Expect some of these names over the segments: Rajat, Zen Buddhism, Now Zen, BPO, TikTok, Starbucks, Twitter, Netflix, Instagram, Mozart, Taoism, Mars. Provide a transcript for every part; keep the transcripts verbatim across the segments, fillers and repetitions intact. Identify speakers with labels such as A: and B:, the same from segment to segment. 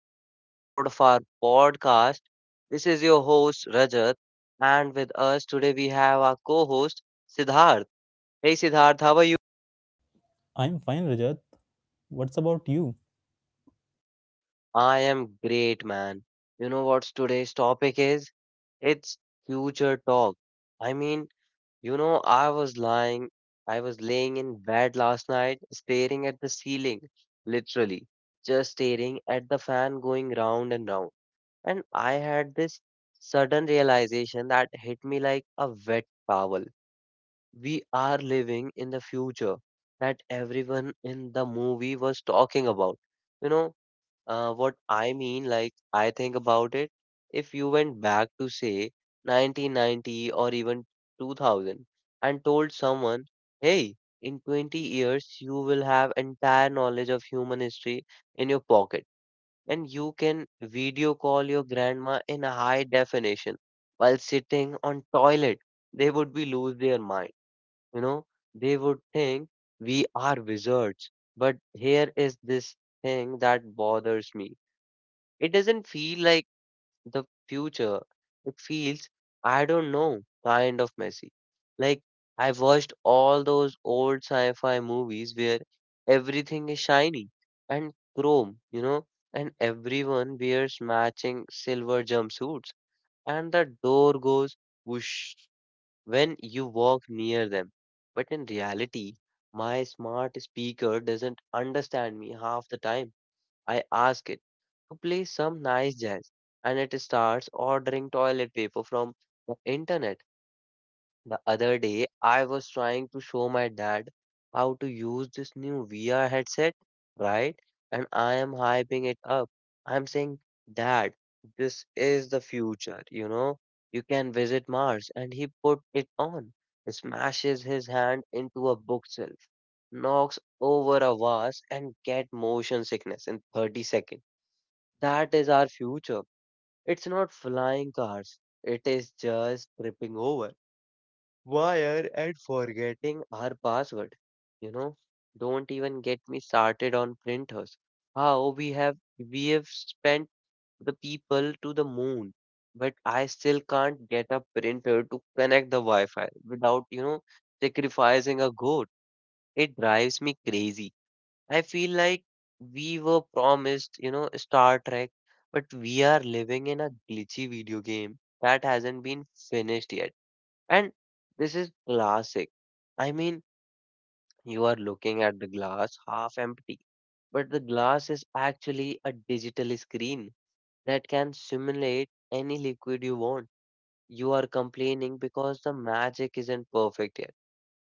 A: another episode of our podcast. This is your host, Rajat, and with us today we have our co host, Siddharth. Hey, Siddharth, how are you?
B: I'm fine, Rajat. What's about you?
A: I am great, man. You know what's today's topic is? It's future talk. I mean, you know, I was lying, I was laying in bed last night, staring at the ceiling, literally, just staring at the fan going round and round. And I had this sudden realization that hit me like a wet towel. We are living in the future that everyone in the movie was talking about. You know, uh, what I mean, like, I think about it. If you went back to, say, nineteen ninety or even two thousand and told someone, hey, in twenty years, you will have entire knowledge of human history in your pocket and you can video call your grandma in a high definition while sitting on toilet, they would be lose their mind. You know, they would think we are wizards. But here is this thing that bothers me. It doesn't feel like the future. It feels, I don't know, kind of messy. Like, I watched all those old sci fi movies where everything is shiny and chrome, you know, and everyone wears matching silver jumpsuits, and the door goes whoosh when you walk near them. But in reality, my smart speaker doesn't understand me half the time. I ask it to play some nice jazz, and it starts ordering toilet paper from the internet. The other day, I was trying to show my dad how to use this new V R headset, right? And I am hyping it up. I'm saying, Dad, this is the future, you know? You can visit Mars. And he put it on, smashes his hand into a bookshelf, knocks over a vase, and get motion sickness in thirty seconds. That is our future. It's not flying cars. It is just tripping over wire and forgetting our password. You know, don't even get me started on printers. How we have we have spent the people to the moon, but I still can't get a printer to connect the Wi-Fi without, you know, sacrificing a goat. It drives me crazy. I feel like we were promised, you know, Star Trek, but we are living in a glitchy video game that hasn't been finished yet. And this is classic. I mean, you are looking at the glass half empty, but the glass is actually a digital screen that can simulate any liquid you want. You are complaining because the magic isn't perfect yet,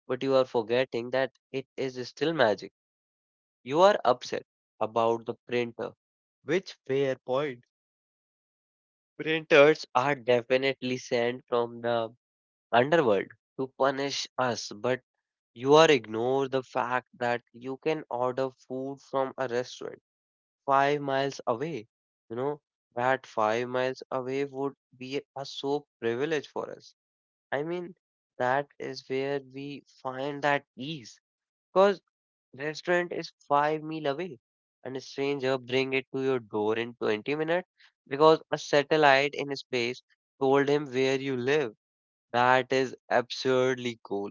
A: but you are forgetting that it is still magic. You are upset about the printer, which fair point. Printers are definitely sent from the underworld to punish us, but you are ignore the fact that you can order food from a restaurant five miles away. You know, that five miles away would be a so privilege for us. I mean, that is where we find that ease. Because. Restaurant is five meal away, and a stranger bring it to your door in twenty minutes because a satellite in space told him where you live. That is absurdly cool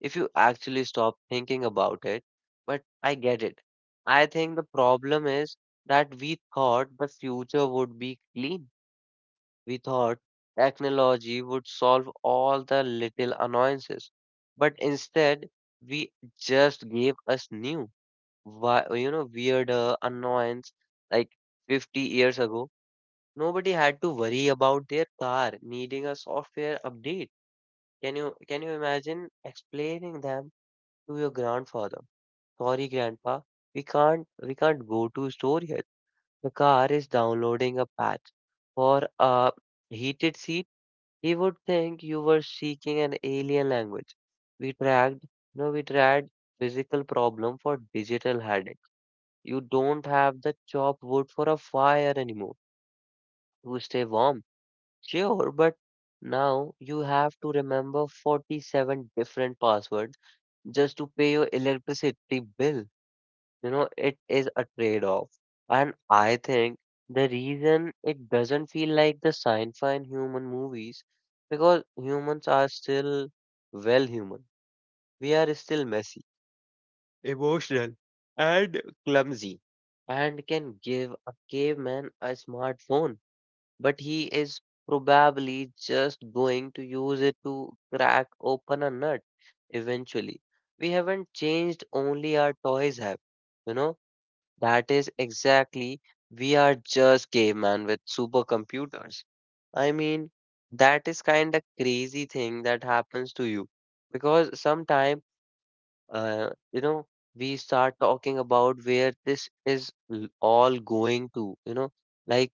A: if you actually stop thinking about it. But I get it. I think the problem is that we thought the future would be clean. We thought technology would solve all the little annoyances, but instead we just gave us new why you know weird uh, annoyance. Like fifty years ago nobody had to worry about their car needing a software update. Can you can you imagine explaining them to your grandfather? Sorry grandpa, we can't we can't go to store yet, the car is downloading a patch for a heated seat. He would think you were seeking an alien language. We tracked no We tried physical problem for digital headache. You don't have the chopped wood for a fire anymore to stay warm. Sure, but now you have to remember forty-seven different passwords just to pay your electricity bill. You know, it is a trade-off. And I think the reason it doesn't feel like the sci-fi and human movies because humans are still well human. We are still messy emotional, and clumsy, and can give a caveman a smartphone, but he is probably just going to use it to crack open a nut eventually. We haven't changed, only our toys have. You know, that is exactly we are just caveman with supercomputers. I mean, that is kind of crazy thing that happens to you because sometimes uh, you know, we start talking about where this is l- all going to, you know, like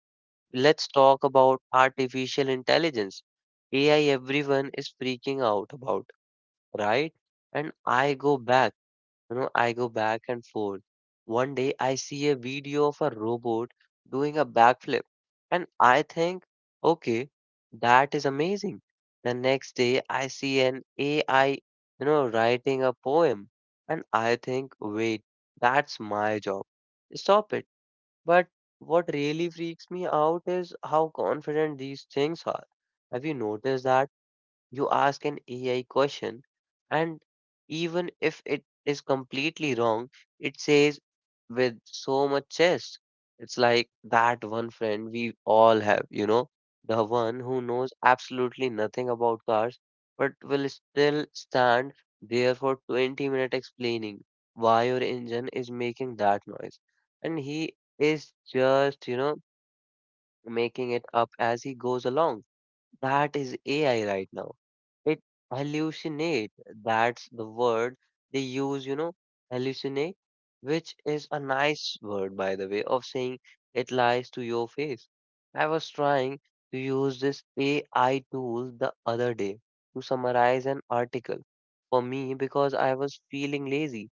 A: let's talk about artificial intelligence. A I, everyone is freaking out about, right? And I go back you know, I go back and forth. One day I see a video of a robot doing a backflip, and I think, okay, that is amazing. The next day I see an A I, you know, writing a poem, and I think, wait, that's my job. Stop it. But what really freaks me out is how confident these things are. Have you noticed that? You ask an A I question, and even if it is completely wrong, it says with so much zest. It's like that one friend we all have, you know, the one who knows absolutely nothing about cars, but will still stand there for twenty minutes explaining why your engine is making that noise. And he is just, you know, making it up as he goes along. That is A I right now. It hallucinate. That's the word they use, you know, hallucinate, which is a nice word, by the way, of saying it lies to your face. I was trying to use this A I tool the other day to summarize an article for me because I was feeling lazy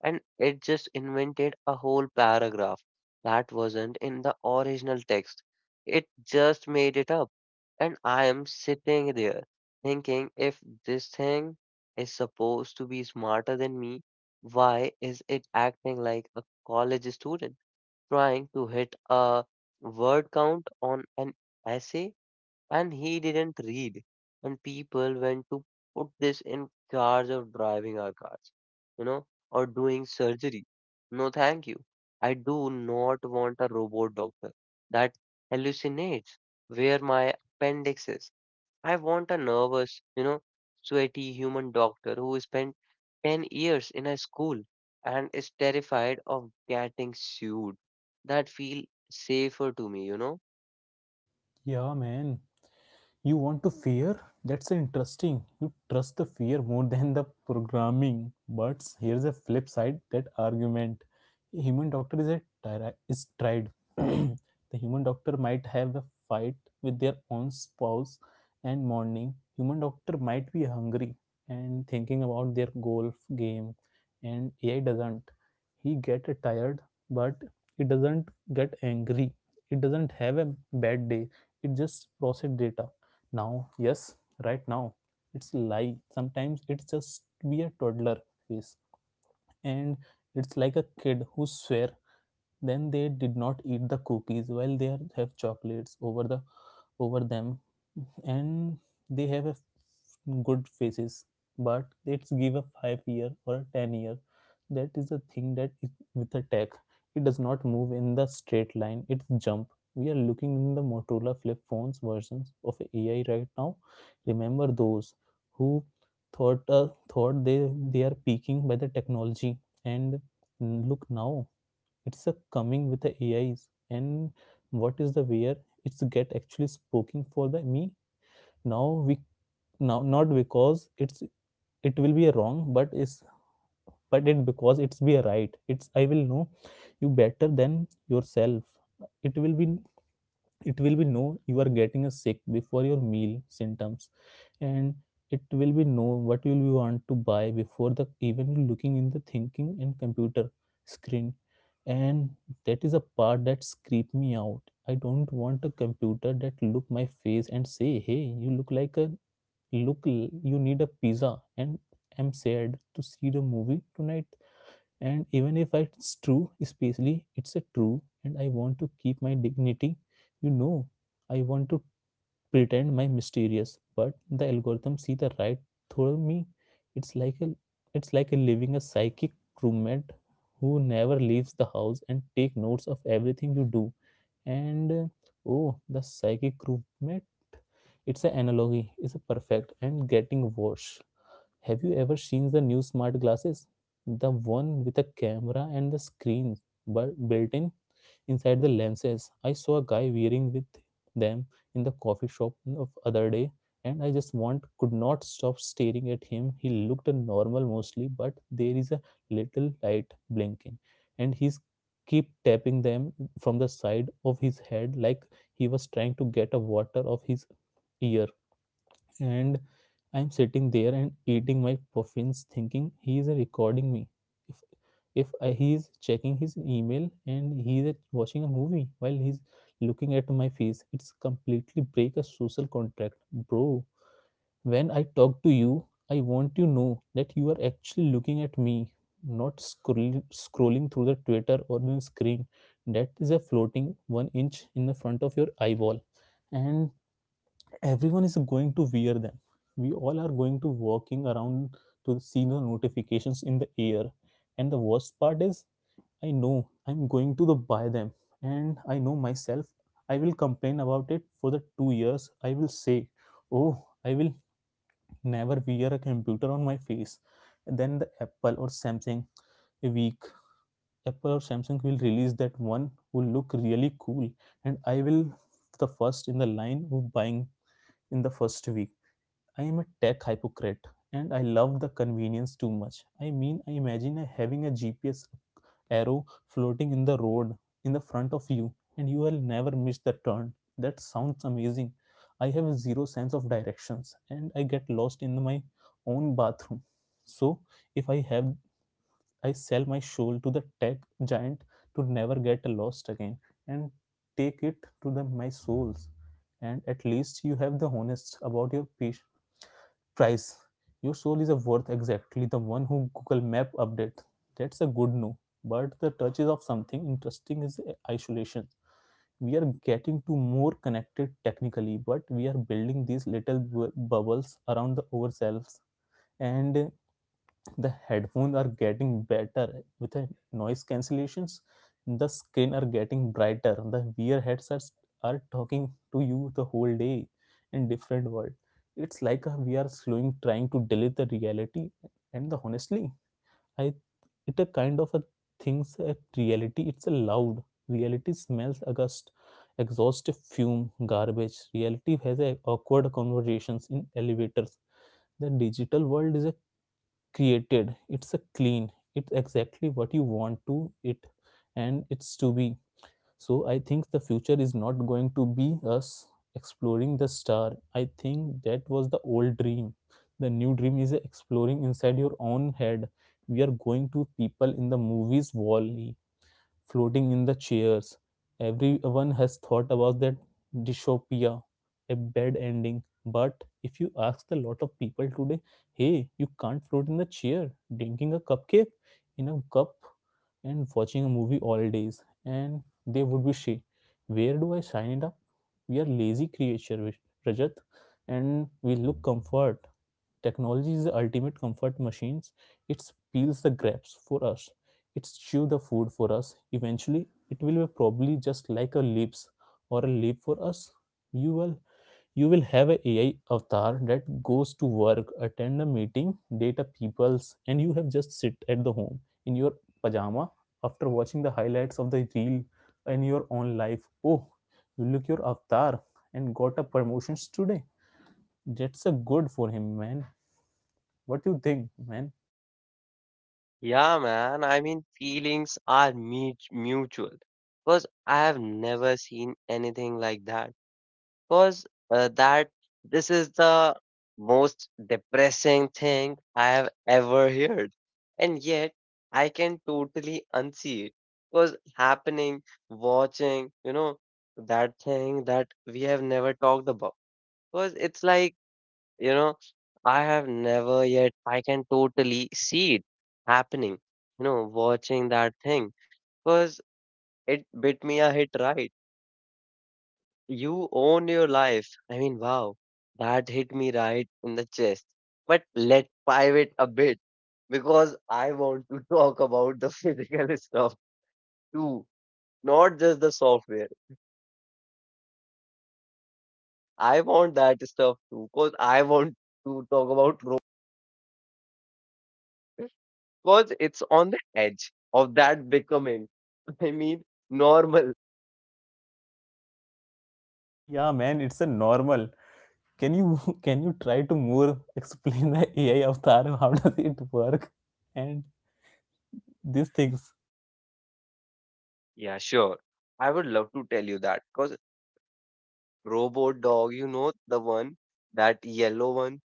A: and it just invented a whole paragraph that wasn't in the original text. It just made it up. And I am sitting there thinking if this thing is supposed to be smarter than me, why is it acting like a college student trying to hit a word count on an essay and he didn't read. And people went to put this in charge of driving our cars, you know, or doing surgery. No, thank you. I do not want a robot doctor that hallucinates where my appendix is. I want a nervous, you know, sweaty human doctor who spent ten years in a school and is terrified of getting sued. That feel safer to me, you know.
B: Yeah, man. You want to fear? That's interesting. You trust the fear more than the programming. But here's a flip side that argument. A human doctor is a tyra- is tried. The human doctor might have a fight with their own spouse and morning. Human doctor might be hungry and thinking about their golf game, and A I doesn't. He get tired, but it doesn't get angry. It doesn't have a bad day. It just process data now. Yes, right now, it's like sometimes it's just be a toddler face, and it's like a kid who swear then they did not eat the cookies while they are, have chocolates over the over them, and they have a good faces. But let's give a five year or a ten year. That is the thing that is with a tech. It does not move in the straight line, it's jump. We are looking in the Motorola flip phones versions of AI right now. Remember those who thought uh, thought they they are peaking by the technology? And look now, it's a coming with the AIs. And what is the where it's get actually spoken for the me? Now we now, not because it's it will be a wrong, but is but it because it's be a right, it's I will know you better than yourself. It will be it will be know you are getting a sick before your meal symptoms, and it will be know what will you want to buy before the even looking in the thinking and computer screen. And that is a part that creep me out. I don't want a computer that look my face and say, hey, you look like a look, you need a pizza, and I'm sad to see the movie tonight. And even if it's true, especially it's a true, and I want to keep my dignity, you know I want to pretend my mysterious, but the algorithm see the right through me. It's like a it's like a living a psychic roommate who never leaves the house and take notes of everything you do. And uh, Oh, the psychic roommate, it's an analogy, it's a perfect and getting worse. Have you ever seen the new smart glasses? The one with a camera and the screen bu- built in inside the lenses. I saw a guy wearing with them in the coffee shop of other day, and I just want could not stop staring at him. He looked normal mostly, but there is a little light blinking, and he's keep tapping them from the side of his head like he was trying to get a water of his ear. And I'm sitting there and eating my puffins, thinking he is recording me. If if I, He is checking his email, and he is watching a movie while he's looking at my face. It's completely break a social contract, bro. When I talk to you, I want you to know that you are actually looking at me, not scroll scrolling through the Twitter or the screen that is a floating one inch in the front of your eyeball. And everyone is going to wear them. We all are going to walking around to see the notifications in the air. And the worst part is, I know I'm going to the buy them, and I know myself. I will complain about it for the two years. I will say, oh, I will never wear a computer on my face. And then the apple or samsung a week Apple or Samsung will release that one will look really cool. And I will the first in the line of buying in the first week. I am a tech hypocrite, and I love the convenience too much. I mean, I imagine having a G P S arrow floating in the road in the front of you, and you will never miss the turn. That sounds amazing. I have zero sense of directions, and I get lost in my own bathroom. So, if I have I sell my soul to the tech giant to never get lost again, and take it to the my souls. And at least you have the honest about your price. Your soul is a worth exactly the one who Google Map update. That's a good no. But the touches of something interesting is isolation. We are getting to more connected technically, but we are building these little bu- bubbles around the ourselves. And the headphones are getting better with the noise cancellations, the screen are getting brighter, the VR headsets are talking to you the whole day in different world. It's like uh, we are slowing trying to delete the reality. And the honestly, I it a kind of a things at reality. It's a loud reality smells august exhaust fume garbage reality has a awkward conversations in elevators. The digital world is a created, it's a clean, it's exactly what you want to it, and it's to be. So I think the future is not going to be us exploring the star. I think that was the old dream. The new dream is exploring inside your own head. We are going to people in the movies wall e floating in the chairs. Everyone has thought about that dystopia, a bad ending. But if you ask a lot of people today, hey, you can't float in the chair, drinking a cupcake in a cup and watching a movie all days, and they would be she. Where do I sign it up? We are lazy creature, Rajat, and we look comfort. Technology is the ultimate comfort machines. It peels the grapes for us. It chew the food for us. Eventually, it will be probably just like a lips or a leap for us. You will you will have a AI avatar that goes to work, attend a meeting, date a peoples, and you have just sit at the home in your pajama after watching the highlights of the reel in your own life. Oh, you look your avatar and got a promotions today. That's a good for him, man. What do you think, man?
A: Yeah, man. I mean, feelings are mut- mutual. Because I have never seen anything like that. Because uh, that this is the most depressing thing I have ever heard, and yet I can totally unsee it. Because happening, watching, you know, that thing that we have never talked about. Because it's like you know, I have never yet, I can totally see it happening, you know, watching that thing because it bit me a hit right. You own your life. I mean, wow, that hit me right in the chest. But let's pivot a bit because I want to talk about the physical stuff too, not just the software. I want that stuff too because I want to talk about robots. Because it's on the edge of that becoming, I mean, normal.
B: Yeah, man, it's a normal. Can you can you try to more explain the A I avatar? How does it work? And these things.
A: Yeah, sure. I would love to tell you that because robot dog, you know, the one, that yellow one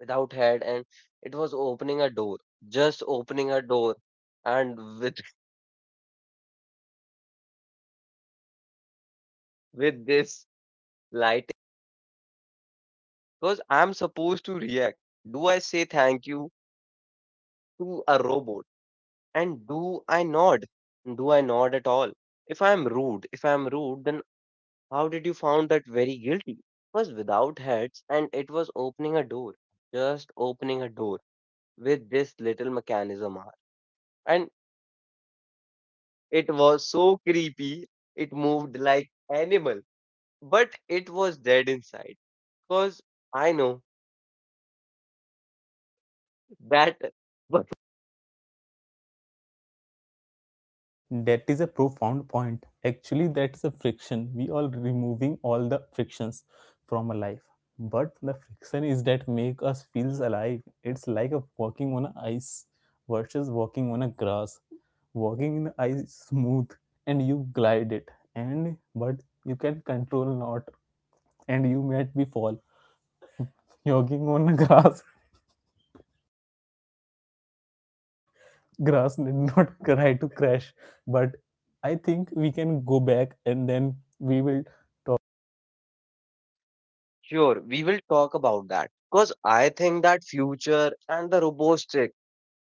A: without head, and it was opening a door, just opening a door, and with with this lighting, because I'm supposed to react. Do I say thank you to a robot? And do I nod? Do I nod at all? If I'm rude, if I'm rude, then How did you found that very guilty? Was without heads and it was opening a door, just opening a door with this little mechanism arm. And it was so creepy. It moved like animal, but it was dead inside. Cause I know that, but
B: That is a profound point. Actually, that's a friction. We are removing all the frictions from a life. But the friction is that make us feels alive. It's like a walking on a ice versus walking on a grass. Walking in the ice is smooth, and you glide it. And but you can control not, and you made me fall. Jogging on the grass, grass did not try to crash, but I think we can go back and then we will talk.
A: sure we will talk about that. Cause I think that future and the robotic.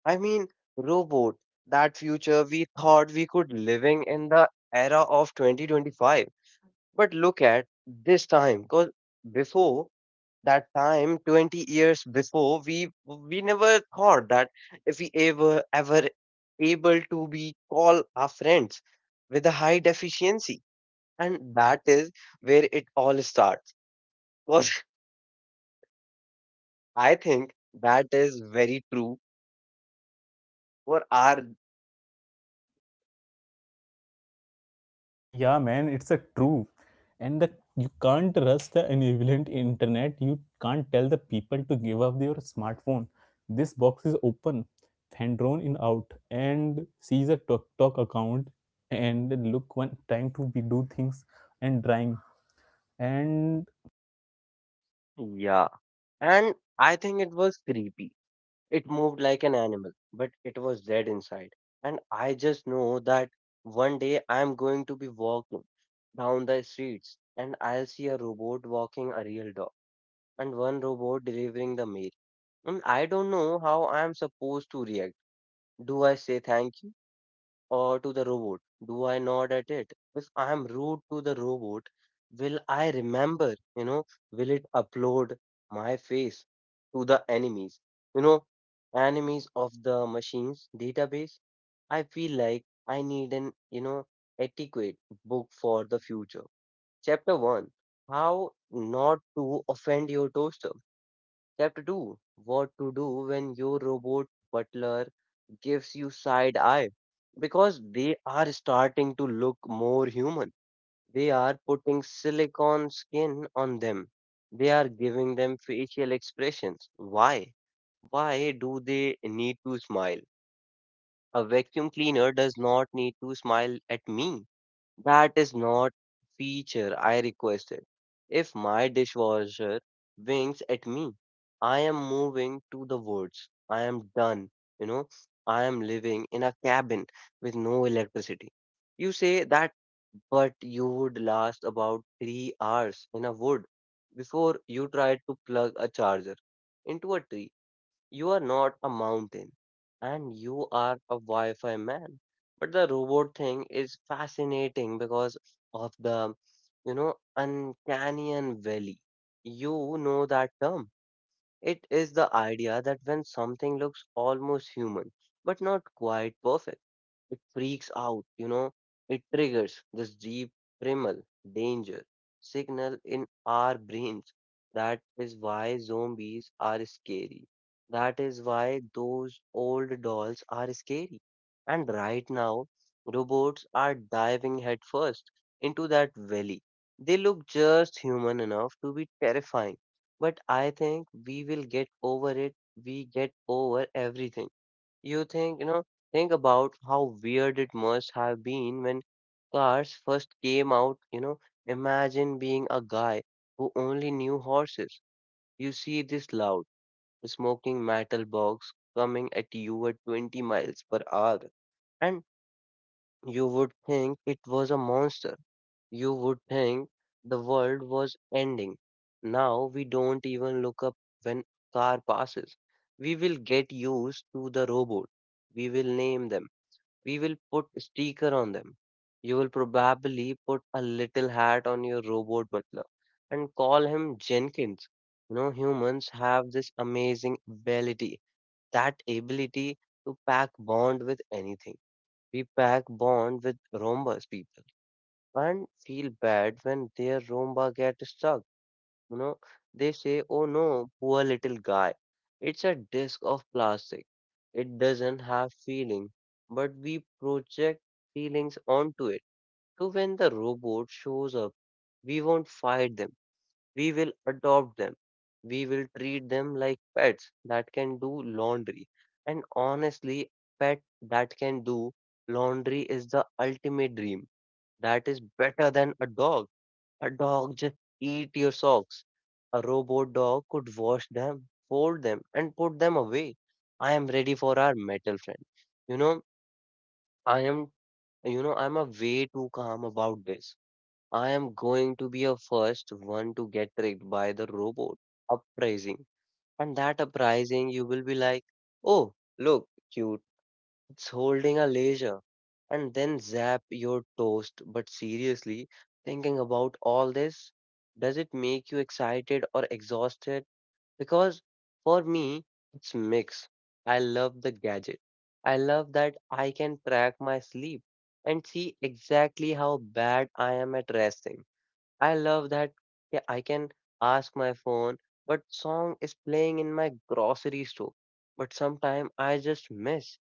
A: I mean robot. That future we thought we could living in the era of twenty twenty-five. But look at this time, because before that time, twenty years before, we we never thought that if we ever ever able to be call our friends with a high deficiency, and that is where it all starts. Because I think that is very true for our
B: Yeah, man, it's a true. And the you can't trust the enabled internet. You can't tell the people to give up their smartphone. This box is open. Thandron in out and sees a TikTok account, and look one trying to be do things and trying and
A: yeah, and I think it was creepy. It moved like an animal, but it was dead inside. And I just know that one day I'm going to be walking down the streets and I'll see a robot walking a real dog and one robot delivering the mail. And I don't know how I'm supposed to react. Do I say thank you? Or to the robot? Do I nod at it? If I am rude to the robot, will I remember? You know, will it upload my face to the enemies? You know, enemies of the machine's database. I feel like I need an you know, etiquette book for the future. Chapter one: How Not to Offend Your Toaster. Chapter two: What to do when your robot butler gives you side eye, because they are starting to look more human. They are putting silicone skin on them. They are giving them facial expressions. Why? Why do they need to smile? A vacuum cleaner does not need to smile at me. That is not feature I requested. If my dishwasher winks at me, I am moving to the woods. I am done. You know, I am living in a cabin with no electricity. You say that, but you would last about three hours in a wood before you try to plug a charger into a tree. You are not a mountain and you are a Wi Fi man. But the robot thing is fascinating because of the, you know, uncanny valley. You know that term. It is the idea that when something looks almost human but not quite perfect, it freaks out, you know, it triggers this deep primal danger signal in our brains. That is why zombies are scary. That is why those old dolls are scary. And right now, robots are diving headfirst into that valley. They look just human enough to be terrifying. But I think we will get over it. We get over everything you think, you know, Think about how weird it must have been when cars first came out, you know, Imagine being a guy who only knew horses. You see this loud, smoking metal box coming at you at twenty miles per hour, and you would think it was a monster. You would think the world was ending. Now we don't even look up when car passes. We will get used to the robot. We will name them, we will put sticker on them. You will probably put a little hat on your robot butler and call him Jenkins. You know, humans have this amazing ability, that ability to pack bond with anything. We pack bond with Roomba's people and feel bad when their Roomba get stuck you know, they say, oh no, poor little guy. It's a disc of plastic. It doesn't have feeling, but we project feelings onto it. So when the robot shows up, we won't fight them. We will adopt them. We will treat them like pets that can do laundry. And honestly, pet that can do laundry is the ultimate dream. That is better than a dog. A dog just eat your socks. A robot dog could wash them, fold them, and put them away. I am ready for our metal friend. You know, I am, you know, I'm a way too calm about this. I am going to be a first one to get tricked by the robot uprising. And that uprising, you will be like, oh, look, cute, it's holding a laser and then zap your toast. But seriously, thinking about all this, does it make you excited or exhausted? Because for me, it's mix. I love the gadget. I love that I can track my sleep and see exactly how bad I am at resting. I love that, yeah, I can ask my phone what song is playing in my grocery store. But sometimes I just miss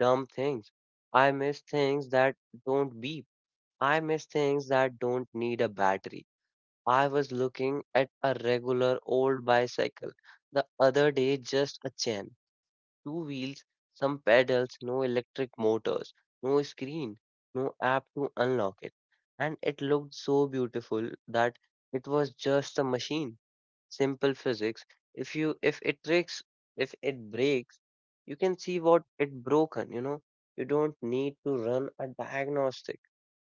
A: dumb things. I miss things that don't beep. I miss things that don't need a battery. I was looking at a regular old bicycle the other day, just a chain, two wheels, some pedals, no electric motors, no screen, no app to unlock it. And it looked so beautiful that it was just a machine. Simple physics. If you if it breaks if it breaks, you can see what it broken, you know. You don't need to run a diagnostic.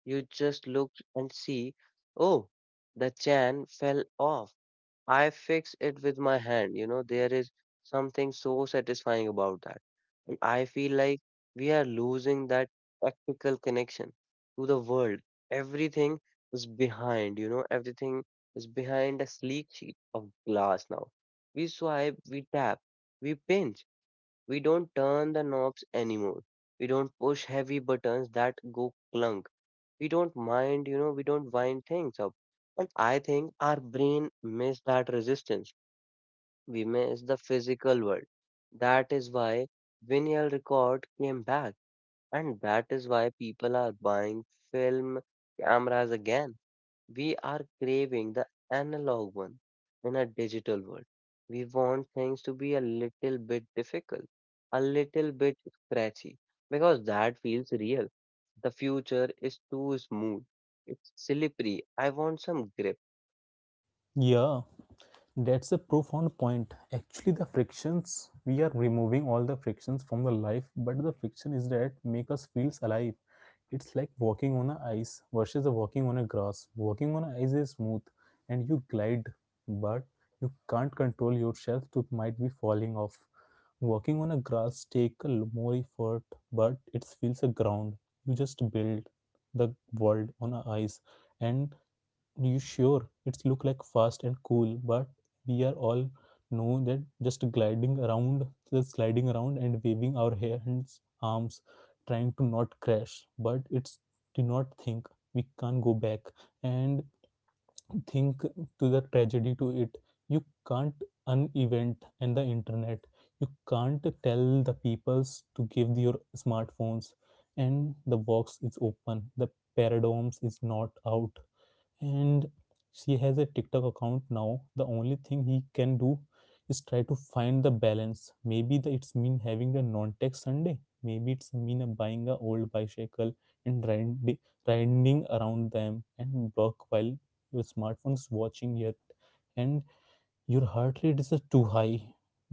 A: You just look and see, oh, the chain fell off, I fix it with my hand. You know, there is something so satisfying about that. And I feel like we are losing that practical connection to the world. Everything is behind, you know, everything is behind a sleek sheet of glass now. We swipe, we tap, we pinch. We don't turn the knobs anymore. We don't push heavy buttons that go clunk. We don't mind, you know, we don't wind things up. And I think our brain miss that resistance. We miss the physical world. That is why vinyl record came back. And that is why people are buying film cameras again. We are craving the analog one in a digital world. We want things to be a little bit difficult, a little bit scratchy, because that feels real. The future is too smooth. It's slippery. I want some grip.
B: yeah. That's a profound point. Actually, the frictions, we are removing all the frictions from the life, but the friction is that make us feels alive. It's like walking on a ice versus the walking on a grass. Walking on a ice is smooth, and you glide, but you can't control yourself to might be falling off. Walking on a grass take a l- more effort, but it feels a ground. You just build the world on a ice, and you sure? It's look like fast and cool, but we are all know that just gliding around, just sliding around and waving our hands, arms, trying to not crash. But it's do not think we can't go back and think to the tragedy to it. You can't unevent and the internet. You can't tell the peoples to give your smartphones, and the box is open. The paradigms is not out, and she has a TikTok account now. The only thing he can do is try to find the balance. Maybe the, it's mean having a non-tech Sunday. Maybe it's mean a buying a old bicycle and riding, riding around them and work while your smartphone's watching it, and your heart rate is uh, too high.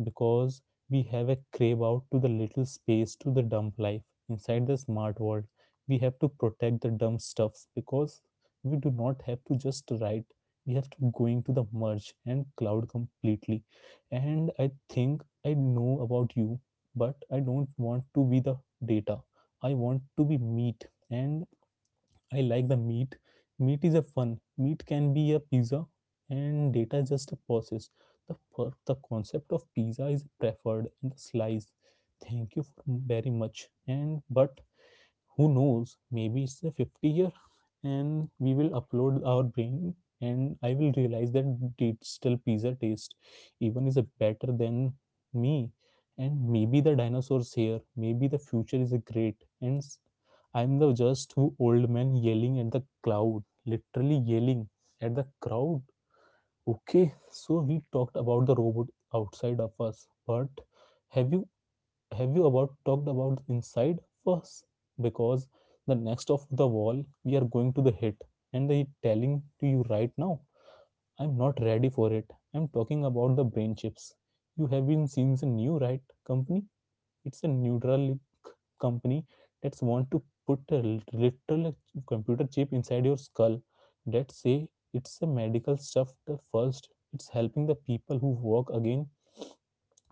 B: Because we have a crave out to the little space to the dumb life inside the smart world, we have to protect the dumb stuffs because we do not have to just write. We have to going to the merge and cloud completely. And I think I know about you, but I don't want to be the data. I want to be meat. And I like the meat. Meat is a fun. Meat can be a pizza, and data is just a process. The per- the concept of pizza is preferred and the slice. Thank you for very much. And but who knows, maybe it's a fifty year and we will upload our brain and I will realize that digital pizza taste even is a better than me. And maybe the dinosaurs here, maybe the future is a great and s- I'm the just who old man yelling at the cloud, literally yelling at the crowd. Okay, so we talked about the robot outside of us, but have you have you about talked about the inside first? Because the next of the wall we are going to the hit and the telling to you right now, I'm not ready for it. I'm talking about the brain chips. You have been seen the new right company. It's a neutral company that's want to put a lit- literal computer chip inside your skull. Let's say it's a medical stuff the first, it's helping the people who walk again,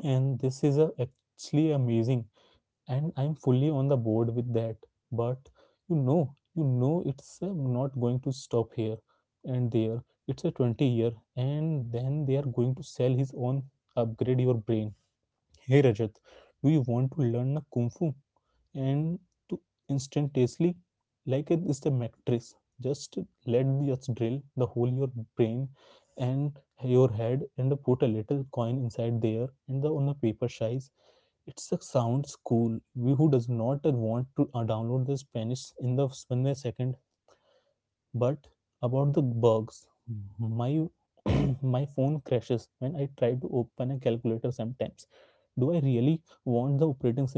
B: and this is a actually amazing, and I'm fully on the board with that. But you know you know it's uh, not going to stop here. And there it's a twenty year and then they are going to sell his own, upgrade your brain. Hey Rajat, do you want to learn kung fu and to instantaneously, like it is the mattress. Just let just drill the hole in your brain and your head and put a little coin inside there and the on a paper size. It sounds cool. We Who does not want to uh, download the Spanish in the in a second? But about the bugs, my my phone crashes when I try to open a calculator sometimes. Do I really want the operating,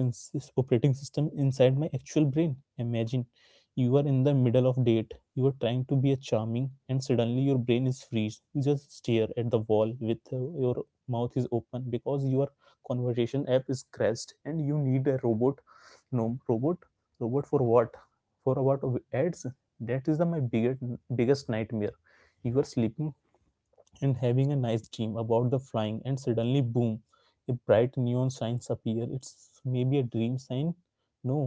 B: operating system inside my actual brain? Imagine you are in the middle of date, you are trying to be a charming and suddenly your brain is freeze, you just stare at the wall with uh, your mouth is open because your conversation app is crashed and you need a robot. No robot, robot for what? For about ads. That is the my biggest biggest nightmare. You are sleeping and having a nice dream about the flying and suddenly boom, a bright neon sign appear. It's maybe a dream sign. No,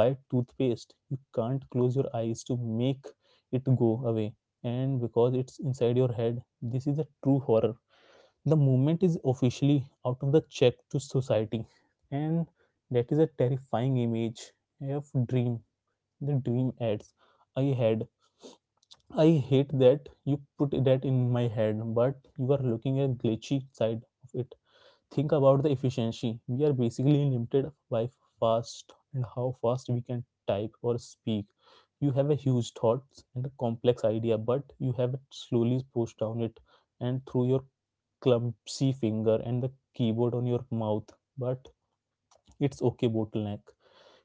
B: buy toothpaste. You can't close your eyes to make it go away, and because it's inside your head, this is a true horror. The movement is officially out of the check to society. And that is a terrifying image of dream, the dream adds I had. I hate that you put that in my head, but you are looking at glitchy side of it. Think about the efficiency. We are basically limited by fast and how fast we can type or speak. You have a huge thoughts and a complex idea, but you have it slowly pushed down it and through your clumsy finger and the keyboard on your mouth. But it's okay, bottleneck.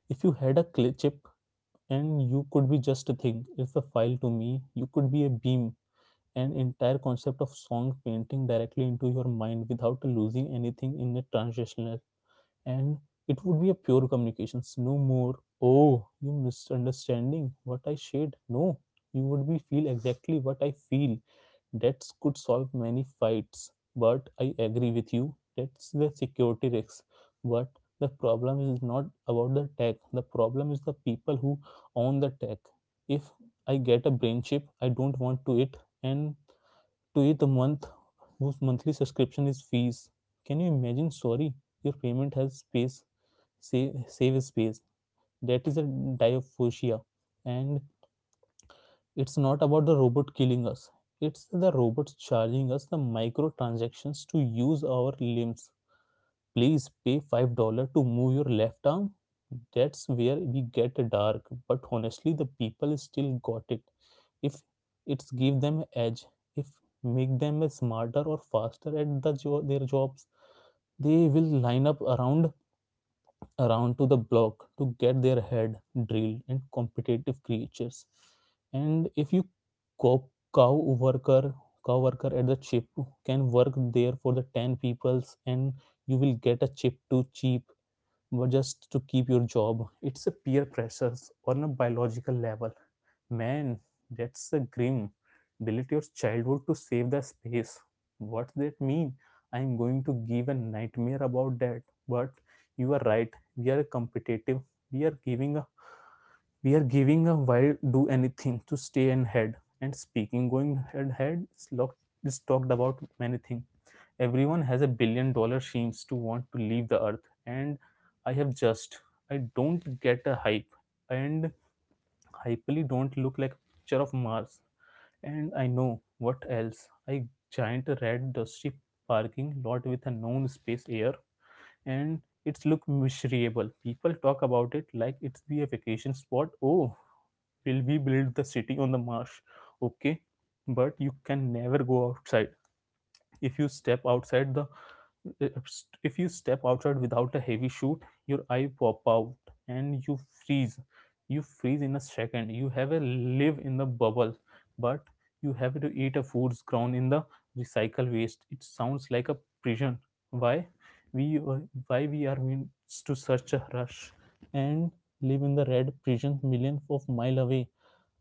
B: If you had a cli- chip and you could be just a thing, it's a file to me. You could be a beam an entire concept of song painting directly into your mind without losing anything in the transitional. And it would be a pure communications, no more oh you misunderstanding what I said. No, you would be feel exactly what I feel. That could solve many fights, but I agree with you that's the security risk. But the problem is not about the tech, the problem is the people who own the tech. If I get a brain chip, I don't want to it and to you the month whose monthly subscription is fees. Can you imagine? Sorry, your payment has space, save, save space. That is a diaphosia. And it's not about the robot killing us, it's the robots charging us the microtransactions to use our limbs. Please pay five dollars to move your left arm. That's where we get dark. But honestly, the people still got it. If it's give them edge, if make them smarter or faster at the jo- their jobs, they will line up around around to the block to get their head drilled and competitive creatures. And if you co- cow worker cow worker at the chip can work there for the ten peoples and you will get a chip too cheap but just to keep your job. It's a peer pressures on a biological level. Man, that's a grim. Delete your childhood to save the space. What's that mean? I'm going to give a nightmare about that. But you are right. We are competitive. We are giving a we are giving a wild do anything to stay ahead. And speaking going head head is talked about many things. Everyone has a billion dollar dreams to want to leave the earth, and I have just I don't get a hype and Hyperly don't look like a picture of Mars. And I know what else. A giant red dusty parking lot with a known space air, and it's look miserable. People talk about it like it's be a vacation spot. Oh, will we build the city on the marsh? Okay. But you can never go outside. If you step outside the if you step outside without a heavy shoe, your eye pop out and you freeze. You freeze in a second. You have a live in the bubble, but you have to eat a food's ground in the recycle waste. It sounds like a prison. Why we uh, why we are meant to such a rush and live in the red prison millions of mile away.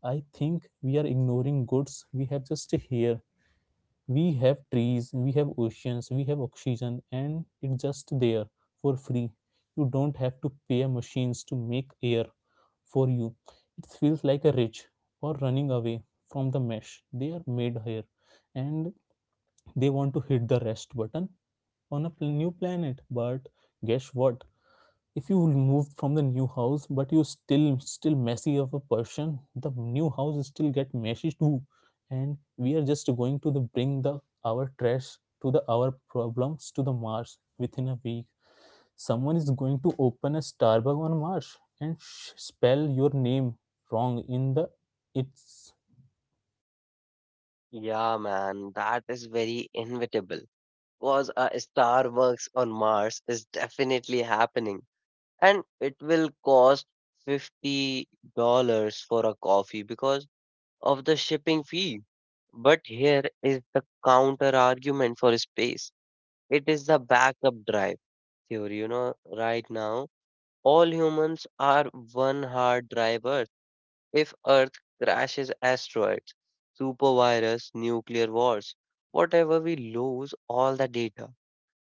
B: I think we are ignoring goods we have just here. We have trees, we have oceans, we have oxygen and it's just there for free. You don't have to pay machines to make air for you. It feels like a rich or running away from the mesh they are made here, and they want to hit the rest button on a pl- new planet. But guess what, if you move from the new house but you still still messy of a person, the new house still get messy too. And we are just going to the bring the our trash to the our problems to the Mars. Within a week someone is going to open a Starbucks on Mars and sh- spell your name wrong in the it's.
A: Yeah, man, that is very inevitable. Because a Starbucks on Mars is definitely happening. And it will cost fifty dollars for a coffee because of the shipping fee. But here is the counter argument for space. It is the backup drive theory, you know, Right now, all humans are one hard drive Earth. If Earth crashes, asteroids, supervirus, nuclear wars, whatever, we lose all the data,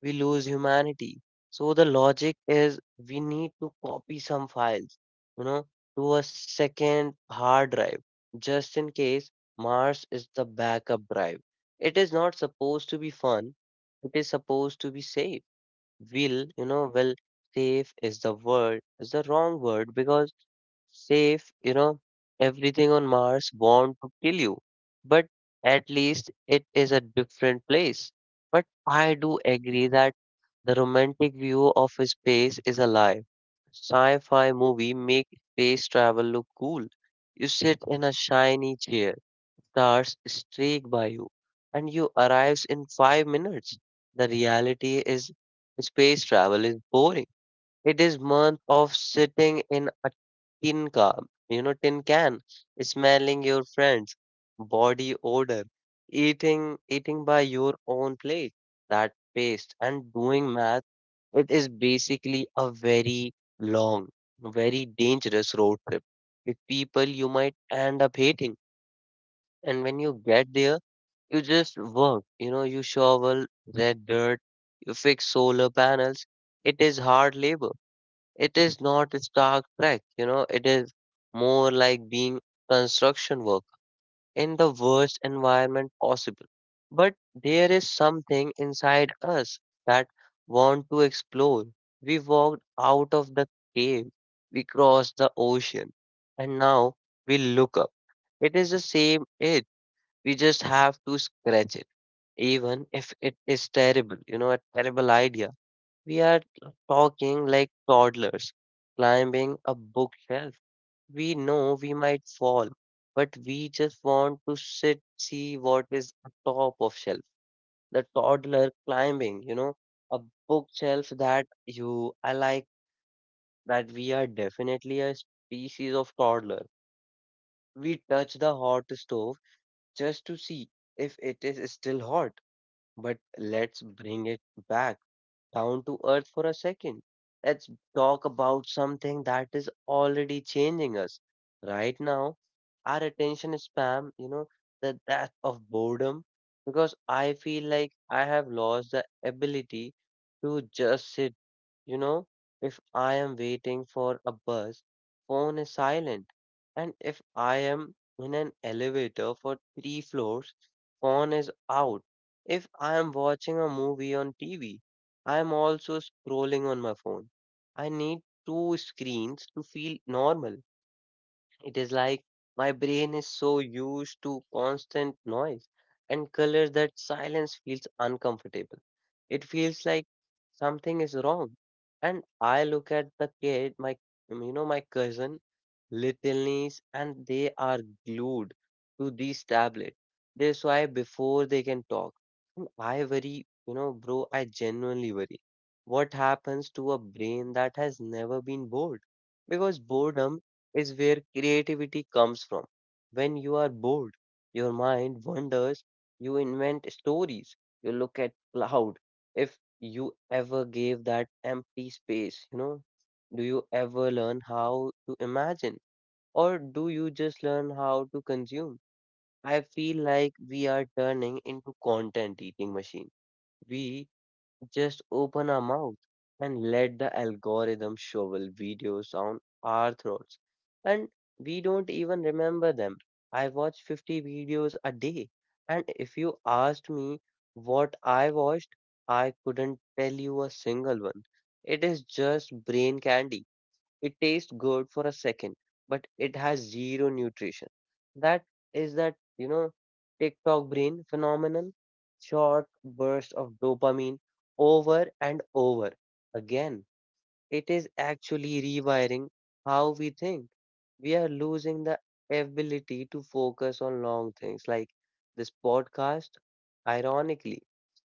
A: we lose humanity. So the logic is we need to copy some files, you know, to a second hard drive just in case. Mars is the backup drive. It is not supposed to be fun. It is supposed to be safe. Will, you know, well, safe is the word, is the wrong word because safe, you know, everything on Mars want to kill you. But at least it is a different place. But I do agree that the romantic view of space is a lie. Sci fi movie make space travel look cool. You sit in a shiny chair, stars streak by you, and you arrive in five minutes. The reality is space travel is boring. It is month of sitting in a tin can, you know, tin can, smelling your friend's body odor, eating eating by your own plate, that paste, and doing math. It is basically a very long, very dangerous road trip with people you might end up hating. And when you get there, you just work, you know, You shovel red dirt, you fix solar panels. It is hard labor, it is not a Star Trek, you know, It is more like being construction work in the worst environment possible. But there is something inside us that want to explore. We walked out of the cave, we crossed the ocean, and now we look up. It is the same it. We just have to scratch it, even if it is terrible, you know, a terrible idea. We are talking like toddlers climbing a bookshelf. We know we might fall, but we just want to sit, see what is top of shelf. The toddler climbing, you know, a bookshelf that you, I like that we are definitely a species of toddler. We touch the hot stove just to see if it is still hot, but let's bring it back down to earth for a second. Let's talk about something that is already changing us. Right now, our attention span, you know, the death of boredom, because I feel like I have lost the ability to just sit, you know, if I am waiting for a bus, phone is silent. And if I am in an elevator for three floors, phone is out. If I am watching a movie on T V, I'm also scrolling on my phone. I need two screens to feel normal. It is like my brain is so used to constant noise and color that silence feels uncomfortable. It feels like something is wrong. And I look at the kid, my you know, my cousin Littleness, and they are glued to these tablets. They swipe before they can talk. And I worry, you know, bro, I genuinely worry. What happens to a brain that has never been bored? Because boredom is where creativity comes from. When you are bored, your mind wanders, you invent stories, you look at cloud. If you ever gave that empty space, you know, do you ever learn how to imagine? Or do you just learn how to consume? I feel like we are turning into content eating machine. We just open our mouth and let the algorithm shovel videos on our throats. And we don't even remember them. I watch fifty videos a day. And if you asked me what I watched, I couldn't tell you a single one. It is just brain candy. It tastes good for a second, but it has zero nutrition. That is that, you know, TikTok brain phenomenon. Short burst of dopamine over and over again. It is actually rewiring how we think. We are losing the ability to focus on long things like this podcast. Ironically,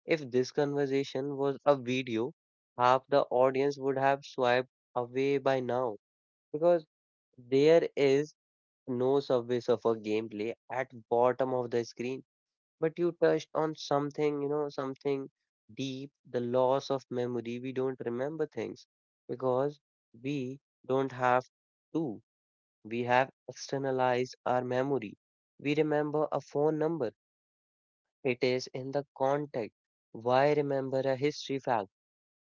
A: if this conversation was a video, half the audience would have swiped away by now because there is no surface of a gameplay at bottom of the screen. But you touched on something, you know something deep, the loss of memory. We don't remember things because we don't have to we have externalized our memory. We remember a phone number, it is in the contact. Why remember a history fact?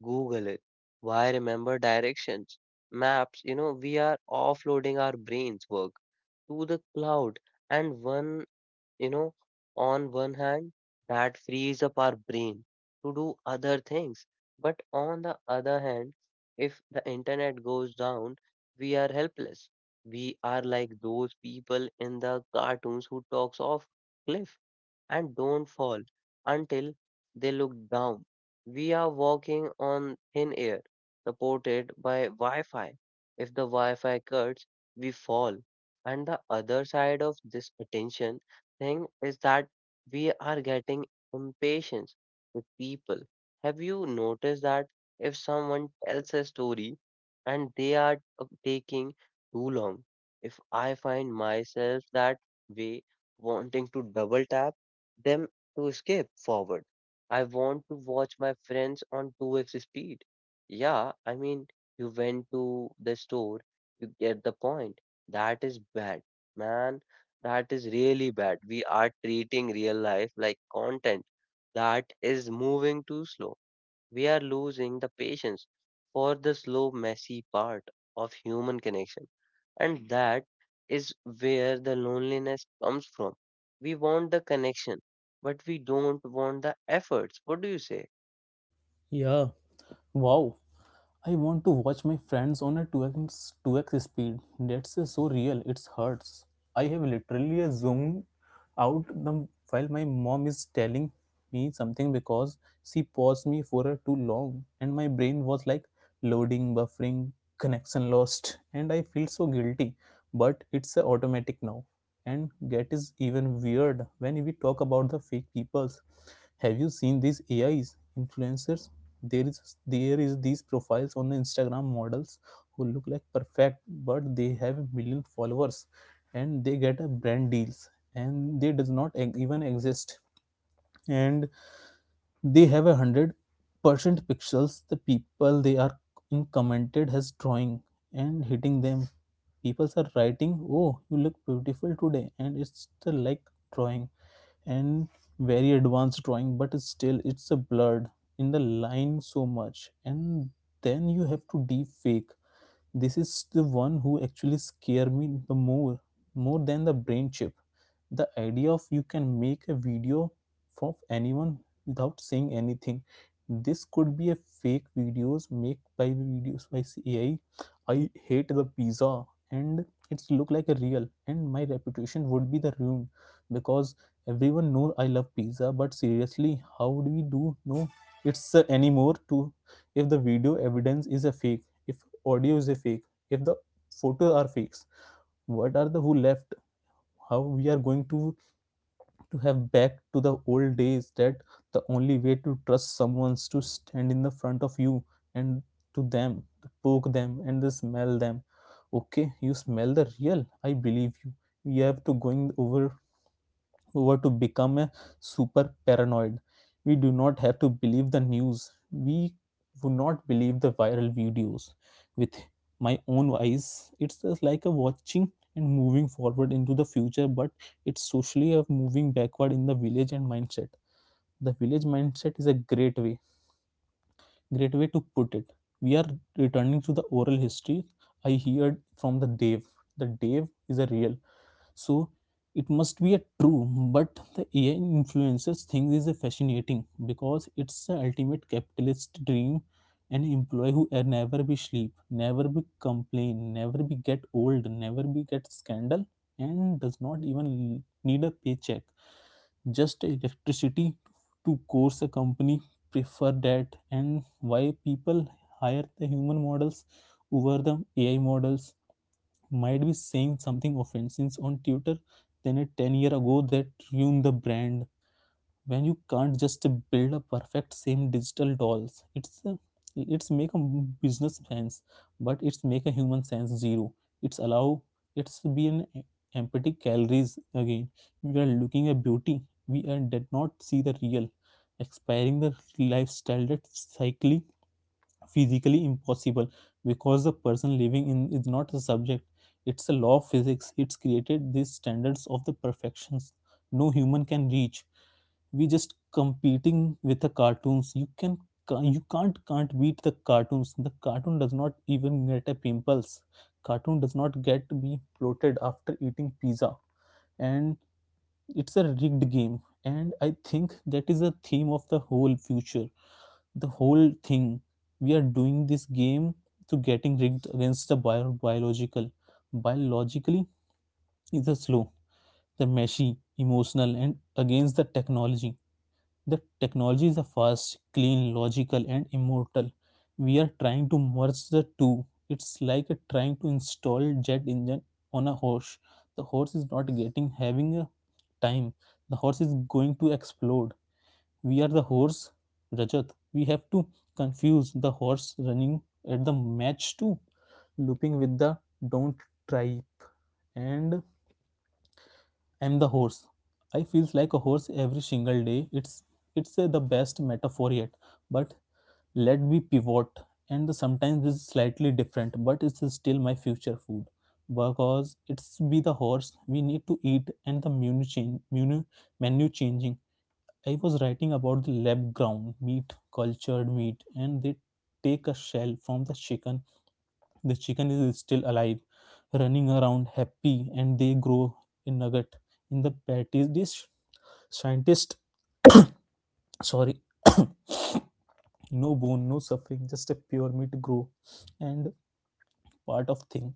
A: Google it. Why remember directions? Maps. You know, we are offloading our brains work to the cloud and one, you know, on one hand, that frees up our brain to do other things. But on the other hand, if the internet goes down, we are helpless. We are like those people in the cartoons who talks off cliff and don't fall until they look down. We are walking on thin air, supported by Wi Fi. If the Wi Fi cuts, we fall. And the other side of this attention thing is that we are getting impatient with people. Have you noticed that if someone tells a story and they are uh, taking too long, if I find myself that way, wanting to double tap them to escape forward. I want to watch my friends on two x speed. Yeah, I mean, you went to the store, you get the point. That is bad, man. That is really bad. We are treating real life like content that is moving too slow. We are losing the patience for the slow, messy part of human connection. And that is where the loneliness comes from. We want the connection, but we don't want the efforts. What do you say?
B: Yeah. Wow. I want to watch my friends on a two x two x speed. That's uh, so real, it hurts. I have literally uh, zoomed out the, while my mom is telling me something because she paused me for uh, too long and my brain was like loading, buffering, connection lost, and I feel so guilty. But it's uh, automatic now and get is even weird when we talk about the fake peoples. Have you seen these AIs influencers? There is there is these profiles on the Instagram models who look like perfect but they have a million followers, and they get a brand deals and they does not e- even exist. And they have a hundred percent pixels the people they are in commented as drawing and hitting them. People are writing oh you look beautiful today and it's still like drawing and very advanced drawing but it's still it's a blurred in the line so much. And then you have to deep fake. This is the one who actually scare me the more more than the brain chip. The idea of you can make a video for anyone without saying anything. This could be a fake videos made by videos by AI. i I hate the pizza and it's look like a real and my reputation would be the ruined, because everyone know I love pizza. But seriously, how do we do know it's uh, anymore to, if the video evidence is a fake, if audio is a fake, if the photos are fakes, what are the who left? How we are going to to have back to the old days that the only way to trust someone is to stand in the front of you and to them to poke them and to smell them. Okay, you smell the real, I believe you. We have to going over over to become a super paranoid. We do not have to believe the news. We would not believe the viral videos. With my own eyes, it's just like a watching and moving forward into the future, but it's socially a moving backward in the village and mindset. The village mindset is a great way, great way to put it. We are returning to the oral history I heard from the Dave. The Dave is a real, so it must be a true, but the ai influencers thing is a fascinating because it's the ultimate capitalist dream, an employee who a- never be sleep, never be complain, never be get old, never be get scandal, and does not even need a paycheck, just electricity to course a company prefer that. And why people hire the human models over the ai models might be saying something offensive on Twitter than a ten year ago that ruined the brand. When you can't just build a perfect same digital dolls, it's a, it's make a business sense, but it's make a human sense zero. It's allow it's be an empty calories again. We are looking at beauty. We are did not see the real, expiring the lifestyle that cycling physically impossible because the person living in is not the subject, it's a law of physics, it's created these standards of the perfections no human can reach. We just competing with the cartoons. You can ca- you can't can't beat the cartoons. The cartoon does not even get a pimples. Cartoon does not get to be bloated after eating pizza, and it's a rigged game. And I think that is the theme of the whole future, the whole thing. We are doing this game to getting rigged against the bio- biological, biologically is a slow, the meshy emotional, and against the technology. The technology is a fast, clean, logical, and immortal. We are trying to merge the two. It's like a trying to install jet engine on a horse. The horse is not getting having a time. The horse is going to explode. We are the horse, Rajat. We have to confuse the horse running at the match too, looping with the don't tripe. And I'm the horse. I feels like a horse every single day. It's it's uh, the best metaphor yet. But let be pivot, and the sometimes it's slightly different, but it's still my future food because it's be the horse we need to eat, and the menu change, menu menu changing. I was writing about the lab ground meat, cultured meat, and they take a shell from the chicken. The chicken is still alive, running around happy, and they grow a nugget in the patties. This scientist, sorry, no bone, no suffering, just a pure meat grow and part of thing.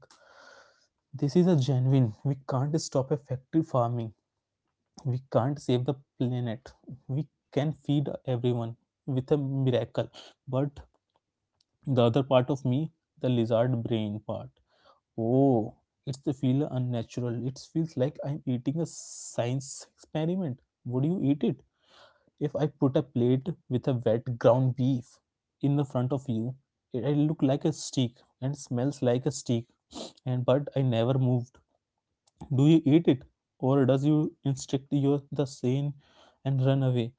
B: This is a genuine. We can't stop a factory farming. We can't save the planet. We can feed everyone with a miracle, but the other part of me, the lizard brain part. Oh, it's the feel unnatural. It feels like I'm eating a science experiment. Would you eat it? If I put a plate with a wet ground beef in the front of you, it, it look like a steak and smells like a steak. And but I never moved. Do you eat it, or does you instinct your the sane and run away?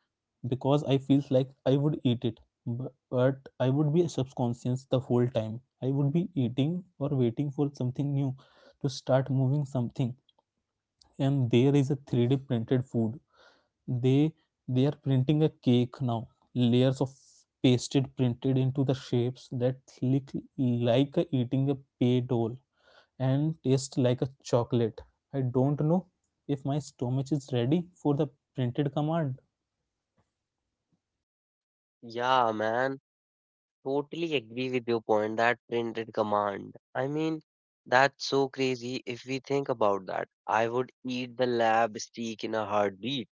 B: Because I feel like I would eat it, bu- but I would be subconscious the whole time. I would be eating or waiting for something new to start moving something. And there is a three D printed food. They they are printing a cake now. Layers of pasted printed into the shapes that look like a eating a pay doll and taste like a chocolate. I don't know if my stomach is ready for the printed command.
A: Yeah, man, totally agree with your point. That printed command. I mean, that's so crazy if we think about that. I would eat the lab steak in a heartbeat,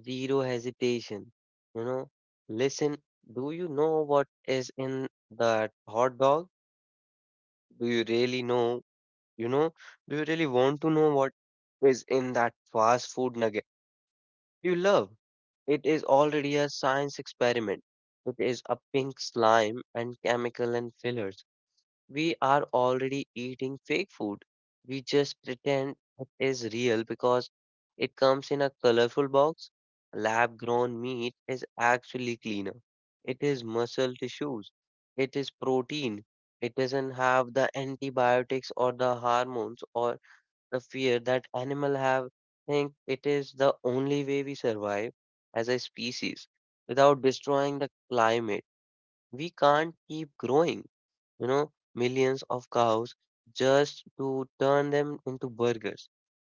A: zero hesitation. You know, listen, do you know what is in that hot dog? Do you really know? You know, do you really want to know what is in that fast food nugget you love? It is already a science experiment. It is a pink slime and chemical and fillers. We are already eating fake food. We just pretend it is real because it comes in a colorful box. Lab grown meat is actually cleaner. It is muscle tissues. It is protein. It doesn't have the antibiotics or the hormones or the fear that animal have. Think it is the only way we survive as a species without destroying the climate. We can't keep growing, you know, millions of cows just to turn them into burgers.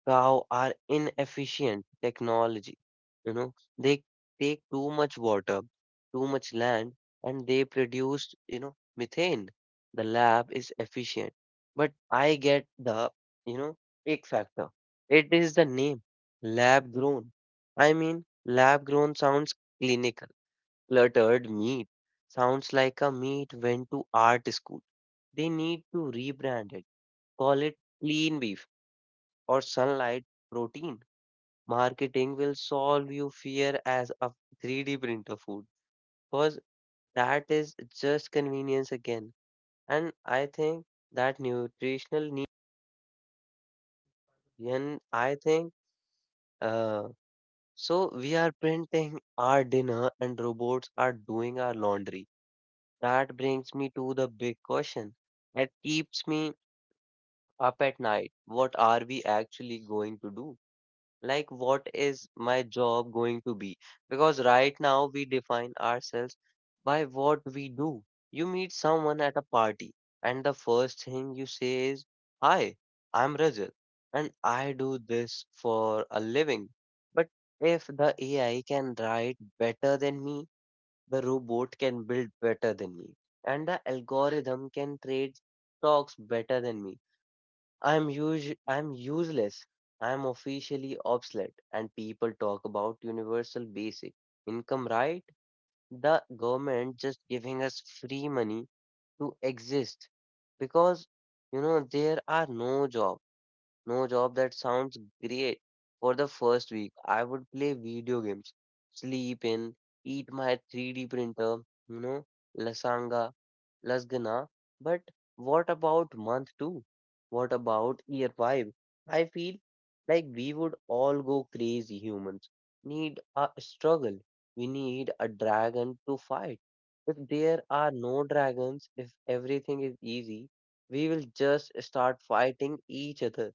A: Cow are inefficient technology. You know, they take too much water, too much land, and they produce, you know, methane. The lab is efficient. But I get the, you know, ick factor. It is the name, lab grown. I mean, lab grown sounds clinical. Cluttered meat sounds like a meat went to art school. They need to rebrand it. Call it clean beef or sunlight protein. Marketing will solve you fear as a three D printer food because that is just convenience again. And I think that nutritional need, and I think uh, so we are printing our dinner and robots are doing our laundry. That brings me to the big question that keeps me up at night. What are we actually going to do? Like, what is my job going to be? Because right now we define ourselves by what we do. You meet someone at a party and the first thing you say is, "Hi, I'm Rajat and I do this for a living." But if the AI can write better than me, the robot can build better than me, and the algorithm can trade stocks better than me, I'm us- I'm useless. I'm officially obsolete, and people talk about universal basic income, right? The government just giving us free money to exist because you know there are no job. No job that sounds great. For the first week, I would play video games, sleep in, eat my three D printer, you know, lasanga, lasagna. But what about month two? What about year five? I feel like we would all go crazy. Humans need a struggle. We need a dragon to fight. If there are no dragons, if everything is easy, we will just start fighting each other.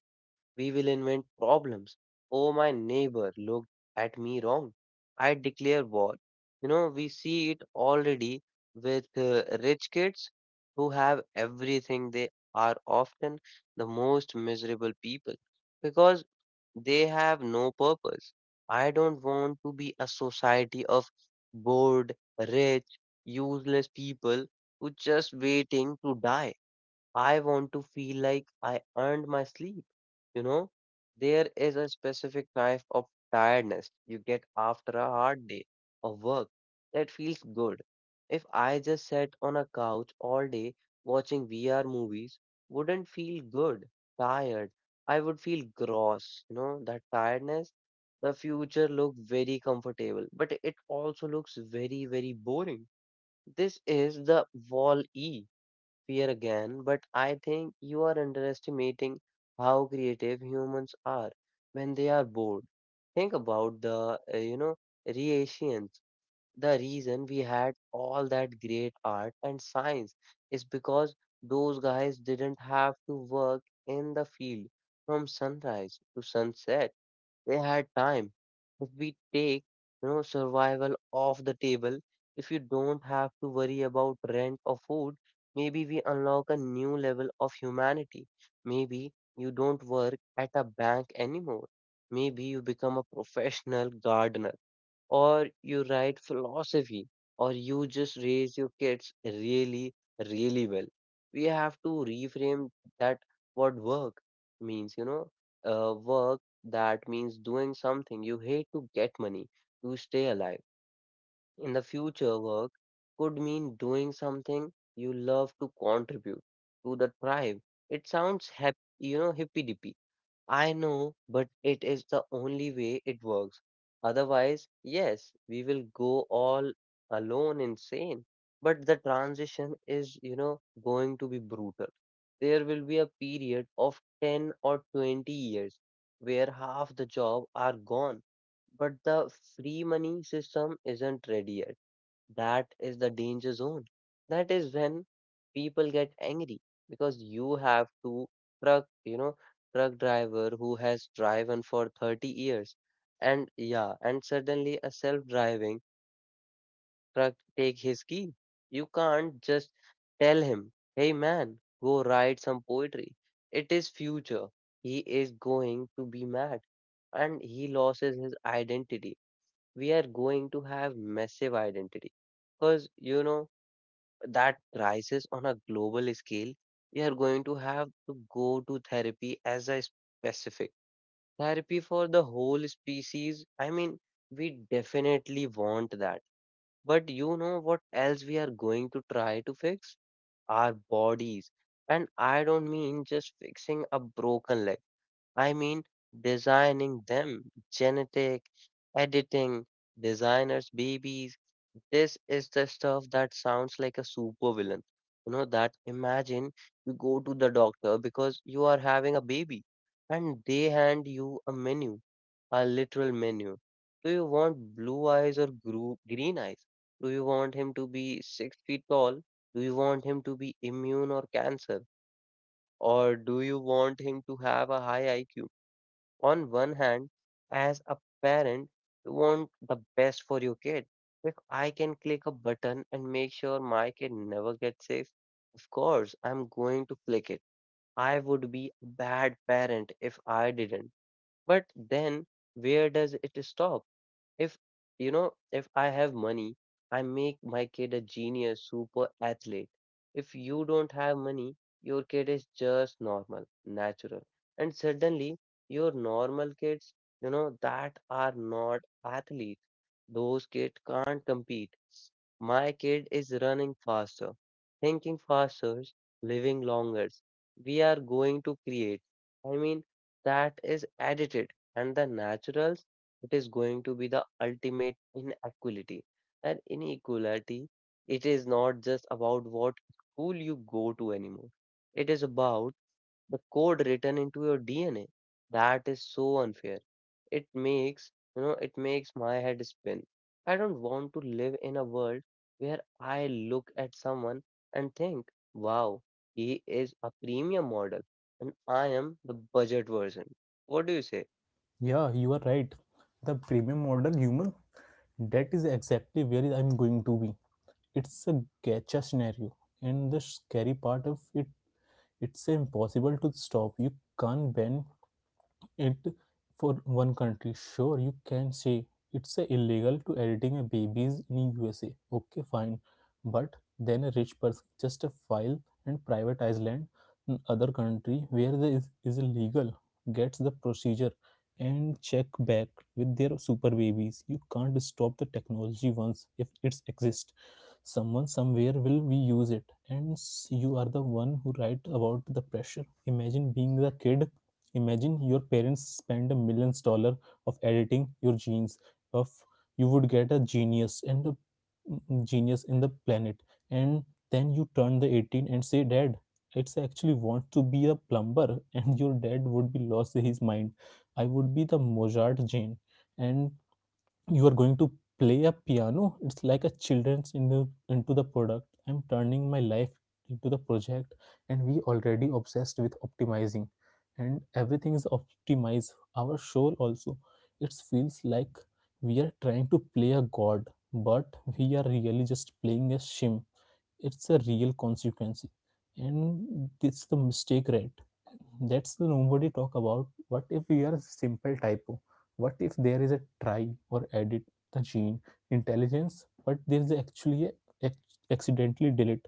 A: We will invent problems. Oh, my neighbor looked at me wrong. I declare war. You know, we see it already with uh, rich kids who have everything. They are often the most miserable people because they have no purpose. I don't want to be a society of bored, rich, useless people who just waiting to die. I want to feel like I earned my sleep. You know, there is a specific type of tiredness you get after a hard day of work that feels good. If I just sat on a couch all day watching V R movies, wouldn't feel good, tired. I would feel gross, you know, that tiredness. The future look very comfortable, but it also looks very, very boring. This is the wall E fear again, but I think you are underestimating how creative humans are when they are bored. Think about the, uh, you know, reasons. The reason we had all that great art and science is because those guys didn't have to work in the field from sunrise to sunset. They had time. If we take, you know, survival off the table, if you don't have to worry about rent or food, maybe we unlock a new level of humanity. Maybe you don't work at a bank anymore. Maybe you become a professional gardener or you write philosophy, or you just raise your kids really, really well. We have to reframe that what work means, you know, uh, work that means doing something you hate to get money to stay alive. In the future, work could mean doing something you love to contribute to the tribe. It sounds happy, you know, hippy dippy I know, but it is the only way it works. Otherwise, yes, we will go all alone insane. But the transition is, you know, going to be brutal. There will be a period of ten or twenty years where half the job are gone, but the free money system isn't ready yet. That is the danger zone. That is when people get angry because you have to truck, you know, truck driver who has driven for thirty years. And yeah, and suddenly a self-driving truck take his key. You can't just tell him, "Hey man, go write some poetry." It is future. He is going to be mad and he loses his identity. We are going to have massive identity because you know that rises on a global scale, we are going to have to go to therapy as a specific therapy for the whole species. I mean, we definitely want that. But you know what else we are going to try to fix? Our bodies. And I don't mean just fixing a broken leg. I mean, designing them, genetic editing, designers, babies. This is the stuff that sounds like a supervillain. You know, that imagine you go to the doctor because you are having a baby and they hand you a menu, a literal menu. Do you want blue eyes or gru- green eyes? Do you want him to be six feet tall? Do you want him to be immune or cancer? Or do you want him to have a high I Q? On one hand, as a parent, you want the best for your kid. If I can click a button and make sure my kid never gets sick, of course I'm going to click it. I would be a bad parent if I didn't. But then, where does it stop? If you know, if I have money, I make my kid a genius super athlete. If you don't have money, your kid is just normal, natural. And suddenly your normal kids, you know, that are not athletes. Those kids can't compete. My kid is running faster, thinking faster, living longer. We are going to create. I mean, that is edited, and the natural it is going to be the ultimate inequality. And inequality, it is not just about what school you go to anymore. It is about the code written into your D N A. That is so unfair. It makes, you know, it makes my head spin. I don't want to live in a world where I look at someone and think, wow, he is a premium model and I am the budget version. What do you say?
B: Yeah, you are right. The premium model human, that is exactly where I'm going to be. It's a gacha scenario, and the scary part of it, it's impossible to stop. You can't ban it for one country. Sure, you can say it's a illegal to editing a babies in USA. Okay, fine, but then a rich person just a file and privatize land in other country where the is, is illegal, gets the procedure and check back with their super babies. You can't stop the technology once if it's exist, someone somewhere will we use it. And s- you are the one who write about the pressure. Imagine being the kid. Imagine your parents spend millions dollar of editing your genes. Of you would get a genius, and the mm, genius in the planet, and then you turn the eighteen and say, "Dad, it's actually want to be a plumber," and your dad would be lost his mind. I would be the Mozart gene, and you are going to play a piano. It's like a children's in the, into the product. I'm turning my life into the project. And we already obsessed with optimizing, and everything is optimized, our soul also. It feels like we are trying to play a god, but we are really just playing a shim. It's a real consequence, and it's the mistake, right? That's the nobody talk about. What if we are simple typo? What if there is a try or edit the gene intelligence, but there is actually a accidentally delete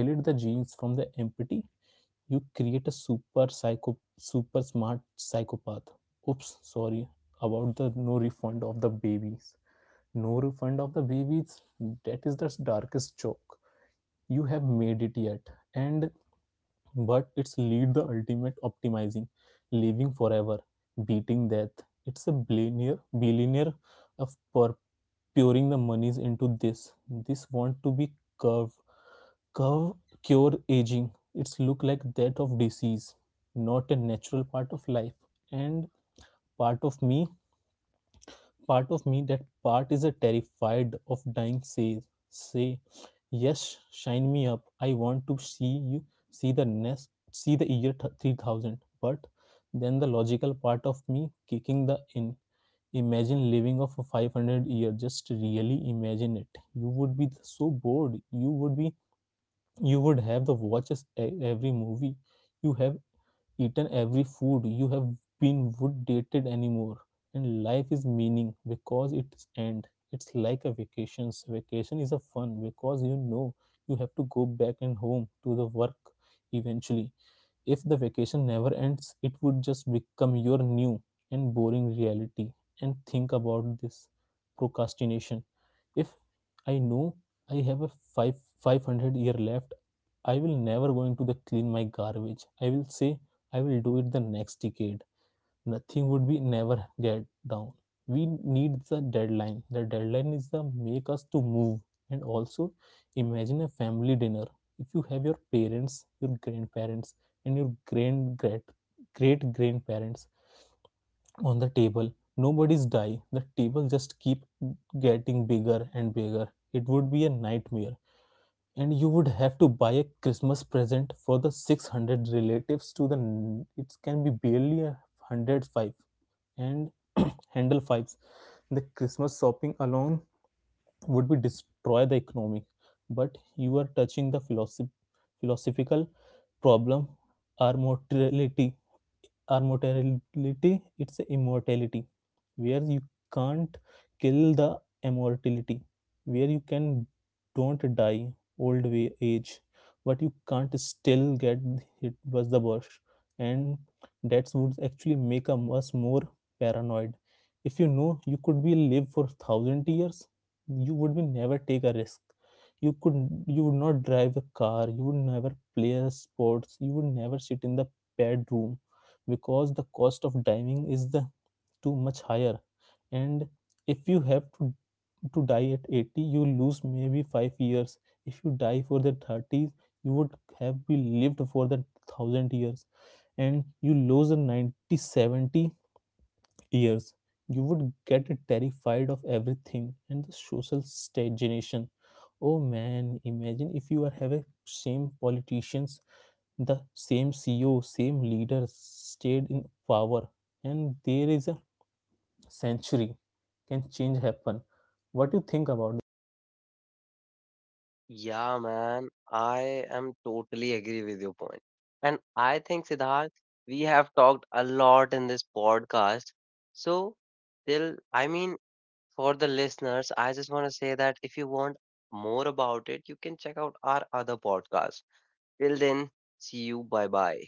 B: delete the genes from the empty? You create a super psycho super smart psychopath. Oops, sorry about the no refund of the babies. No refund of the babies. That is the darkest joke you have made it yet, and but it's lead the ultimate optimizing, living forever, beating death. It's a billionaire billionaire of pur- pouring the monies into this, this want to be curve curve cure aging. It's look like that of disease, not a natural part of life. And part of me part of me, that part is a terrified of dying, say, say yes, shine me up. I want to see you, see the nest, see the year three thousand. But then the logical part of me kicking the in, imagine living of a five hundred year. Just really imagine it, you would be so bored. You would be, you would have the watches e- every movie, you have eaten every food, you have been would dated anymore. And life is meaning because it's end. It's like a vacations, vacation is a fun because you know you have to go back and home to the work eventually. If the vacation never ends, it would just become your new and boring reality. And think about this procrastination. If I know I have a five five hundred year left, I will never going to the clean my garbage. I will say I will do it the next decade. Nothing would be never get down. We need the deadline. The deadline is the make us to move. And also imagine a family dinner. If you have your parents, your grandparents, and your grand great great grandparents on the table, nobody's die, the table just keep getting bigger and bigger. It would be a nightmare, and you would have to buy a Christmas present for the six hundred relatives to the it can be barely a one hundred five and handle fives. The Christmas shopping alone would be destroy the economy. But you are touching the philosoph- philosophical problem or mortality, our mortality. It's immortality where you can't kill the immortality where you can don't die old wa- age, but you can't still get it. Was the worst. And that would actually make us more paranoid. If you know you could be live for thousand years, you would be never take a risk. You could, you would not drive a car, you would never play sports, you would never sit in the bedroom because the cost of diving is the too much higher. And if you have to to die at eighty, you lose maybe five years. If you die for the thirties, you would have been lived for the one thousand years, and you lose the ninety seventy years. You would get terrified of everything, and the social stagnation. Oh man, imagine if you are have a same politicians, the same C E O, same leader stayed in power, and there is a century can change happen. What do you think about
A: Yeah, man, I am totally agree with your point. And I think, Siddharth, we have talked a lot in this podcast. So, till I mean, for the listeners, I just want to say that if you want more about it, you can check out our other podcast. Till then, see you. Bye bye.